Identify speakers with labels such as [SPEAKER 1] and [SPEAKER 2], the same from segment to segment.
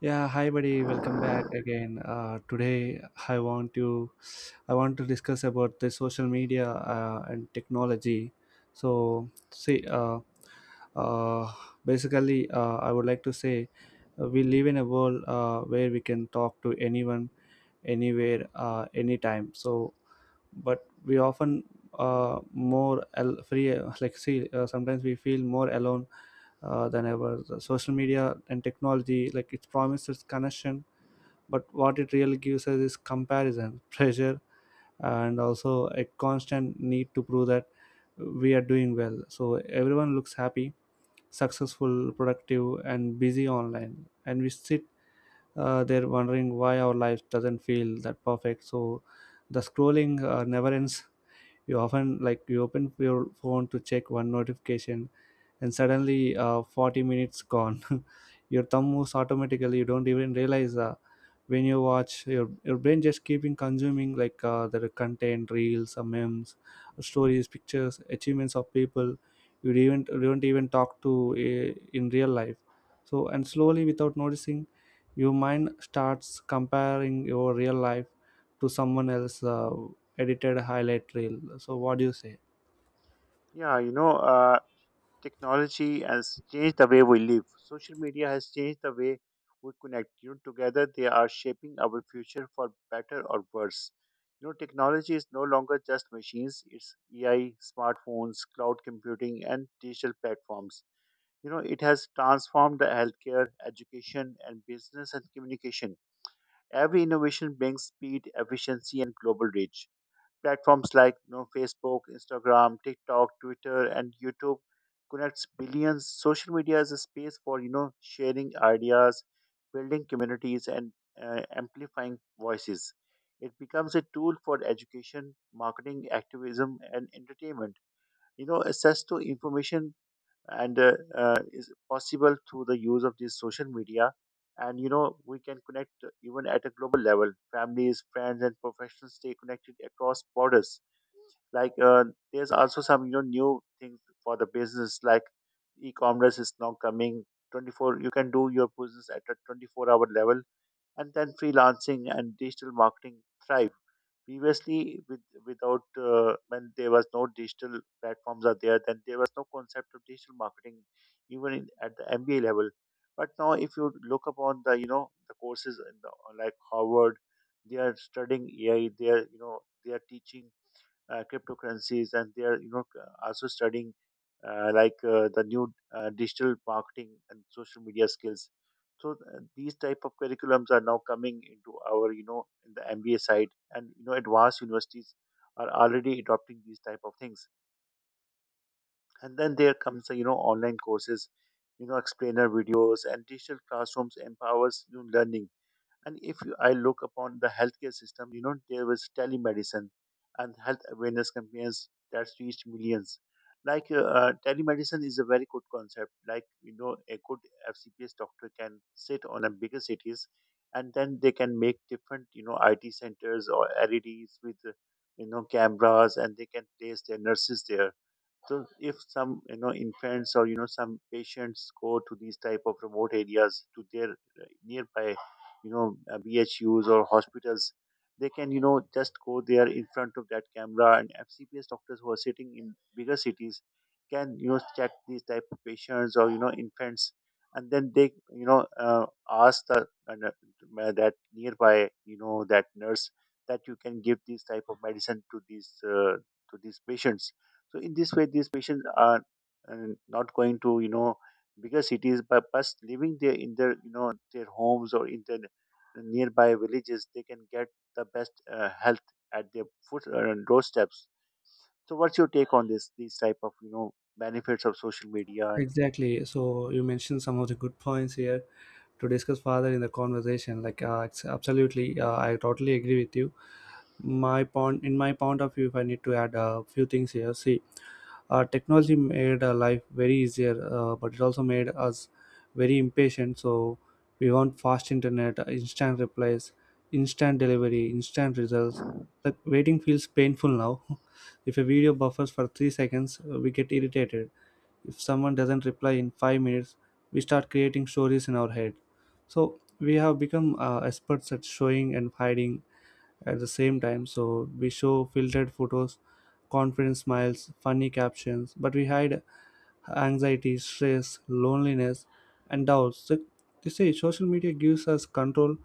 [SPEAKER 1] Yeah, hi buddy, welcome back again. Today I want to I want to discuss about the social media and technology. So see, uh, basically I would like to say we live in a world where we can talk to anyone, anywhere, anytime. But we often more al- free like see sometimes we feel more alone than ever. The social media and technology, like, it promises connection, but what it really gives us is comparison, pressure, and also a constant need to prove that we are doing well. So everyone looks happy, successful, productive and busy online, and we sit there wondering why our life doesn't feel that perfect. So the scrolling never ends. You often, like, you open your phone to check one notification, and suddenly 40 minutes gone. Your thumb moves automatically, you don't even realize when you watch. Your brain just keeping consuming, like, the content, reels, memes, stories, pictures, achievements of people you don't even talk to in real life. So and slowly, without noticing, your mind starts comparing your real life to someone else edited highlight reel. So what do you say?
[SPEAKER 2] Yeah, technology has changed the way we live. Social media has changed the way we connect. Together they are shaping our future for better or worse. Technology is no longer just machines, it's AI, smartphones, cloud computing, and digital platforms. It has transformed the healthcare, education, and business and communication. Every innovation brings speed, efficiency, and global reach. Platforms like Facebook, Instagram, TikTok, Twitter, and YouTube connects billions. Social media is a space for sharing ideas, building communities, and amplifying voices. It becomes a tool for education, marketing, activism, and entertainment. Access to information and is possible through the use of this social media, and we can connect even at a global level. Families, friends and professionals stay connected across borders. like uh, there's also some new things for the business, like e-commerce is now coming. 24 You can do your business at a 24-hour level, and then freelancing and digital marketing thrive. Previously without, when there was no digital platforms are there, then there was no concept of digital marketing, even at the MBA level. But now if you look upon the the courses in like Harvard, they are studying AI. They are they are teaching cryptocurrencies, and they are also studying the new digital marketing and social media skills. So these type of curriculums are now coming into our in the MBA side, and advanced universities are already adopting these type of things. And then there comes the online courses, explainer videos and digital classrooms empowers learning. And if you, I look upon the healthcare system, there was telemedicine and health awareness campaigns that reached millions. Telemedicine is a very good concept. A good FCPS doctor can sit on a bigger cities, and then they can make different IT centers or LEDs with cameras, and they can place their nurses there. So if some infants or some patients go to these type of remote areas to their nearby B H U's or hospitals, they can just go there in front of that camera, and FCPS doctors who are sitting in bigger cities can check these type of patients or infants. And then they ask the uh, that nearby, that nurse, that you can give these type of medicine to these patients. So in this way, these patients are not going to bigger cities, but living there in their their homes or in their nearby villages, they can get the best health at their foot doorsteps. So what's your take on this? These type of benefits of social media and.
[SPEAKER 1] Exactly. So you mentioned some of the good points here to discuss further in the conversation. Like, it's absolutely, I totally agree with you. In my point of view, if I need to add a few things here, see, technology made life very easier, but it also made us very impatient. So we want fast internet, instant replies, instant delivery, instant results. Like, waiting feels painful now. If a video buffers for 3 seconds, we get irritated. If someone doesn't reply in 5 minutes, we start creating stories in our head. So we have become experts at showing and hiding at the same time. So we show filtered photos, confident smiles, funny captions, but we hide anxiety, stress, loneliness and doubts. So they say social media gives us control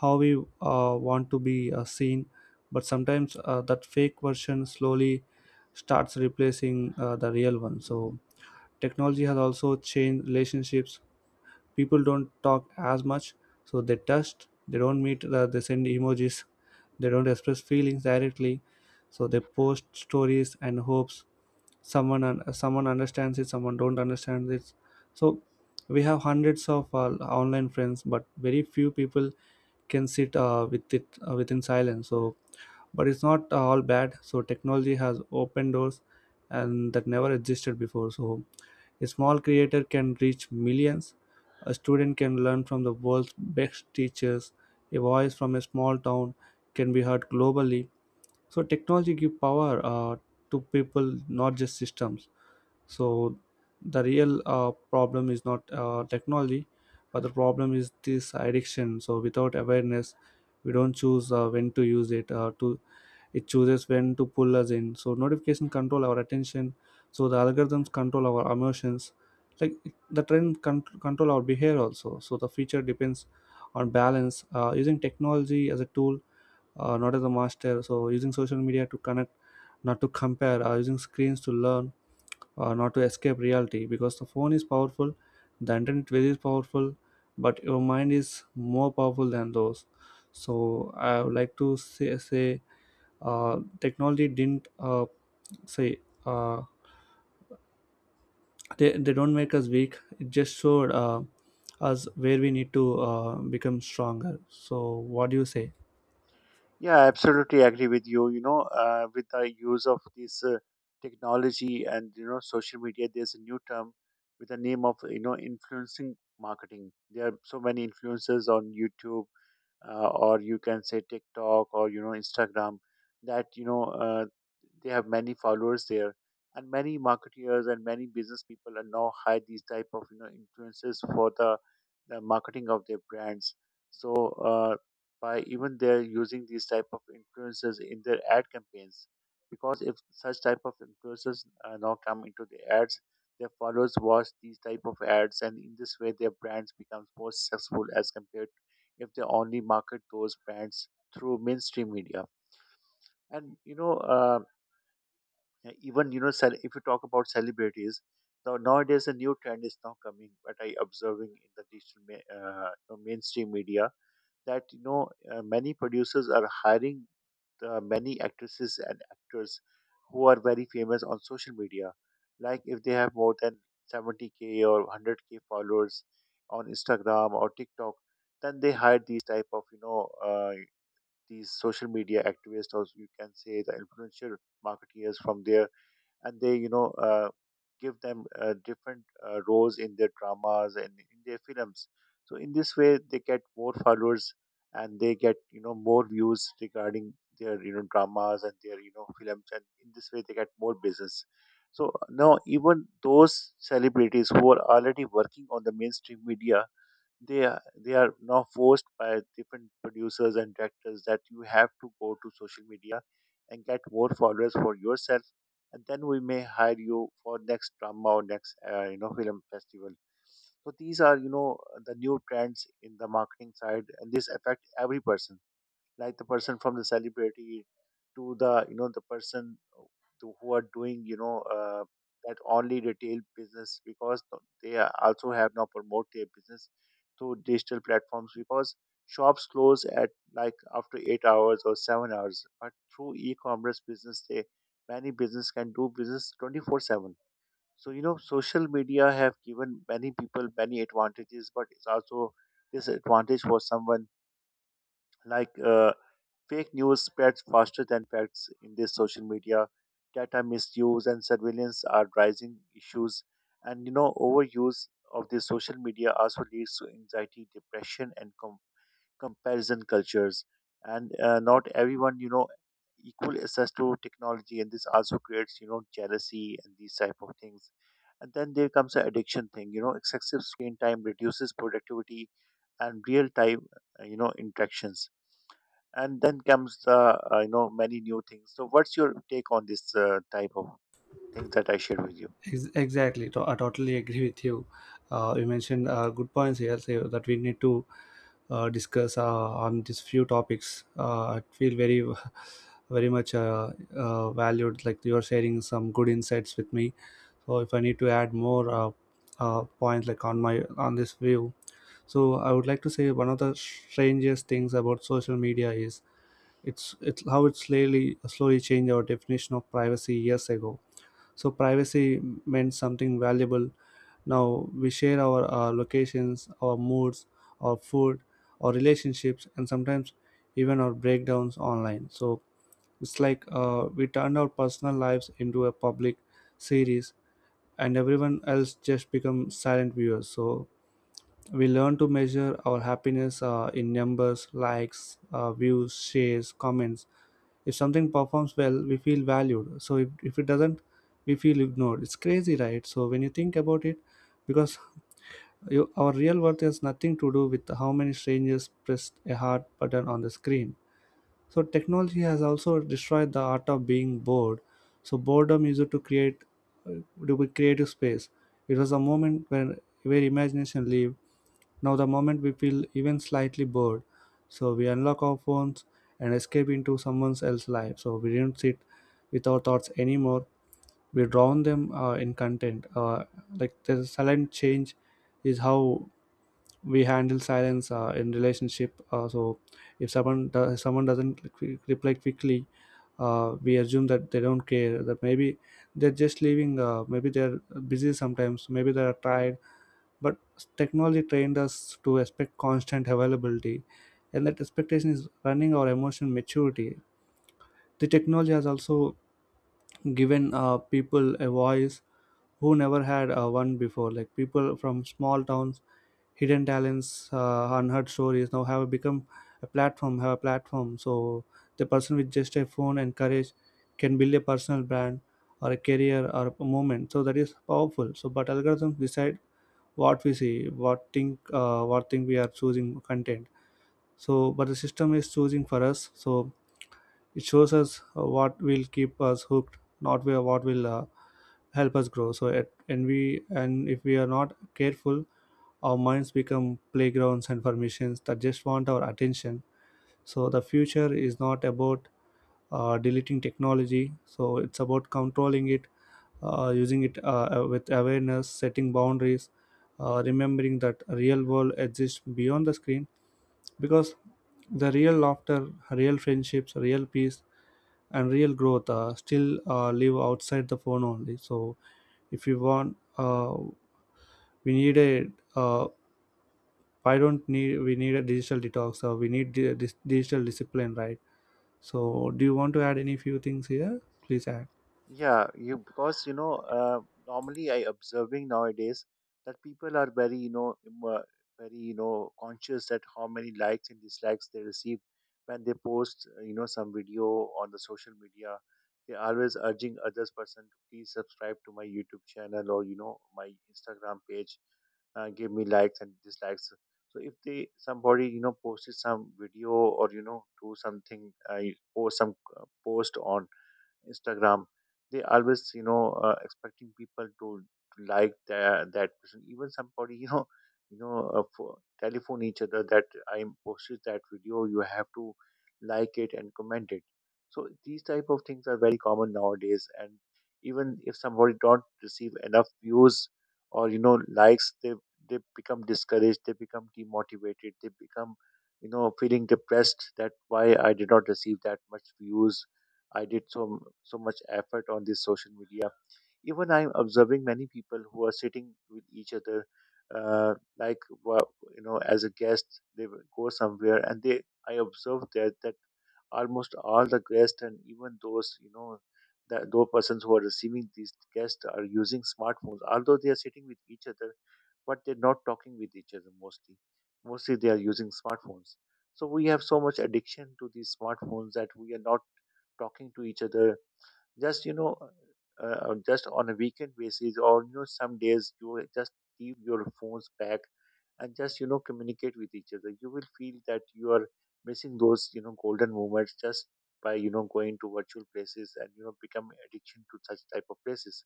[SPEAKER 1] how we want to be seen, but sometimes that fake version slowly starts replacing the real one. So technology has also changed relationships. People don't talk as much. So they text, they don't meet, they send emojis, they don't express feelings directly. So they post stories and hopes someone someone understands it, someone don't understand it. So we have hundreds of online friends, but very few people can sit with it within silence. So but it's not all bad. So technology has opened doors and that never existed before. So a small creator can reach millions. A student can learn from the world's best teachers. A voice from a small town can be heard globally. So technology give power to people, not just systems. So the real problem is not technology, but the problem is this addiction. So without awareness, we don't choose when to use it. To It chooses when to pull us in. So notification control our attention. So the algorithms control our emotions. Like, the control our behavior also. So the feature depends on balance. Using technology as a tool, not as a master. So using social media to connect, not to compare. Using screens to learn, not to escape reality, because the phone is powerful, the internet is powerful, but your mind is more powerful than those. So I would like to say, technology didn't say uh, they don't make us weak, it just showed us where we need to become stronger. So what do you say?
[SPEAKER 2] Yeah, absolutely agree with you. With the use of this technology and social media, there's a new term with the name of influencing marketing. There are so many influencers on YouTube, or you can say TikTok or Instagram, that they have many followers there, and many marketeers and many business people are now hire these type of influences for the marketing of their brands. So uh, by even they're using these type of influences in their ad campaigns, because if such type of influences now come into the ads, their followers watch these type of ads, and in this way their brands becomes more successful as compared if they only market those brands through mainstream media. And even you know, cel- if you talk about celebrities, now nowadays a new trend is now coming. What I observing in the digital ma- you know, mainstream media, that many producers are hiring the many actresses and actors who are very famous on social media. Like if they have more than 70K or 100K followers on Instagram or TikTok, then they hire these type of these social media activists, or you can say the influential marketeers from there, and they give them different roles in their dramas and in their films. So in this way they get more followers, and they get more views regarding their dramas and their films, and in this way they get more business. So now even those celebrities who are already working on the mainstream media, they are now forced by different producers and directors that you have to go to social media and get more followers for yourself, and then we may hire you for next drama or next film festival. So these are the new trends in the marketing side, and this affect every person, like the person from the celebrity to the the person to who are doing that only retail business, because they are also have now promote their business through digital platforms, because shops close at like after 8 hours or 7 hours, but through e-commerce business they many business can do business 24/7. So social media have given many people many advantages, but it's also disadvantage for someone, like uh, fake news spreads faster than facts in this social media. Data misuse and surveillance are rising issues. And overuse of the social media also leads to anxiety, depression, and comparison cultures. And not everyone, equal access to technology, and this also creates, jealousy and these type of things. And then there comes the addiction thing. Excessive screen time reduces productivity and real time, interactions. And then comes the many new things. So what's your take on this type of things that I shared with you?
[SPEAKER 1] Exactly, I totally agree with you. You mentioned good points here so that we need to discuss on these few topics. I feel very, very much valued. Like, you're sharing some good insights with me. So if I need to add more points, like, on this view, so I would like to say, one of the strangest things about social media is it's how it slowly changed our definition of privacy. Years ago, so privacy meant something valuable. Now we share our locations, our moods, our food, our relationships, and sometimes even our breakdowns online. So it's like, we turned our personal lives into a public series, and everyone else just become silent viewers. So we learn to measure our happiness in numbers, likes, views, shares, comments. If something performs well, we feel valued. So if it doesn't, we feel ignored. It's crazy, right? So when you think about it, because our real worth has nothing to do with how many strangers pressed a heart button on the screen. So technology has also destroyed the art of being bored. So boredom used to create uh, to be creative space. It was a moment when where imagination lived. Now, the moment we feel even slightly bored, so we unlock our phones and escape into someone else's life. So we don't sit with our thoughts anymore. We drown them in content. Like, the silent change is how we handle silence in relationship. So if someone doesn't reply quickly, we assume that they don't care. That maybe they're just leaving. Maybe they're busy sometimes. Maybe they're tired, but technology trained us to expect constant availability, and that expectation is running our emotional maturity. The technology has also given people a voice who never had one before. Like, people from small towns, hidden talents, unheard stories now have a platform. So the person with just a phone and courage can build a personal brand or a career or a moment. So that is powerful. So but algorithms decide what we see, what think, what thing we are choosing content. So but the system is choosing for us. So it shows us what will keep us hooked, not where what will help us grow. So and we, and if we are not careful, our minds become playgrounds and permissions that just want our attention. So the future is not about deleting technology, so it's about controlling it, using it with awareness, setting boundaries, remembering that real world exists beyond the screen, because the real laughter, real friendships, real peace, and real growth still live outside the phone only. So if you want, we need a uh, I don't need we need a digital detox. We need digital discipline, right? So do you want to add any few things here? Please add.
[SPEAKER 2] Yeah, you because you know normally I observing nowadays that people are very very conscious that how many likes and dislikes they receive when they post some video on the social media. They always urging others person to please subscribe to my YouTube channel or my Instagram page, give me likes and dislikes. So if they somebody posted some video or do something, I post some post on Instagram, they always, you know, expecting people to like that that person. Even somebody, you know, telephone each other that I posted that video, you have to like it and comment it. So these type of things are very common nowadays. And even if somebody don't receive enough views or likes, they become discouraged. They become demotivated. They become feeling depressed that why I did not receive that much views. I did so much effort on this social media. Even I'm observing many people who are sitting with each other, uh, like wa- as a guest. They will go somewhere, and they I observed that almost all the guests, and even those you know the those persons who are receiving these guests, are using smartphones, although they are sitting with each other but they're not talking with each other mostly. Mostly they are using smartphones. So we have so much addiction to these smartphones that we are not talking to each other. Just you know, just on a weekend basis, or some days you just leave your phones back and just communicate with each other. You will feel that you are missing those golden moments just by going to virtual places and become addiction to such type of places.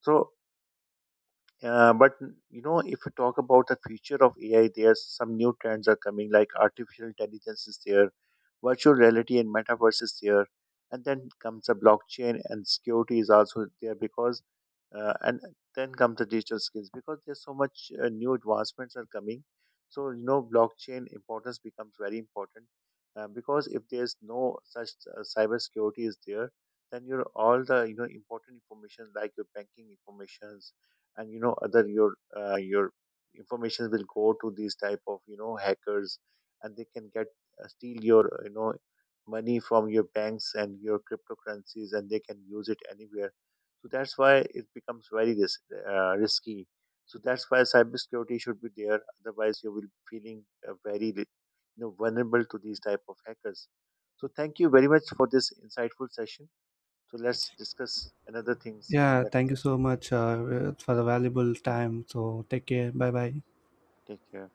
[SPEAKER 2] So uh, but if you talk about the future of AI, there's some new trends are coming, like artificial intelligence is there, virtual reality and metaverse is there, and then comes the blockchain, and security is also there. Because, and then comes the digital skills, because there's so much new advancements are coming. So blockchain importance becomes very important, because if there's no such cyber security is there, then your all the important information, like your banking information and other your information will go to these type of hackers, and they can get steal your money from your banks and your cryptocurrencies, and they can use it anywhere. So that's why it becomes very risky. So that's why cybersecurity should be there, otherwise you will be feeling vulnerable to these type of hackers. So thank you very much for this insightful session. So let's discuss another things in
[SPEAKER 1] Yeah,
[SPEAKER 2] next.
[SPEAKER 1] thank you so much for the valuable time. So take care. Bye bye.
[SPEAKER 2] Take care.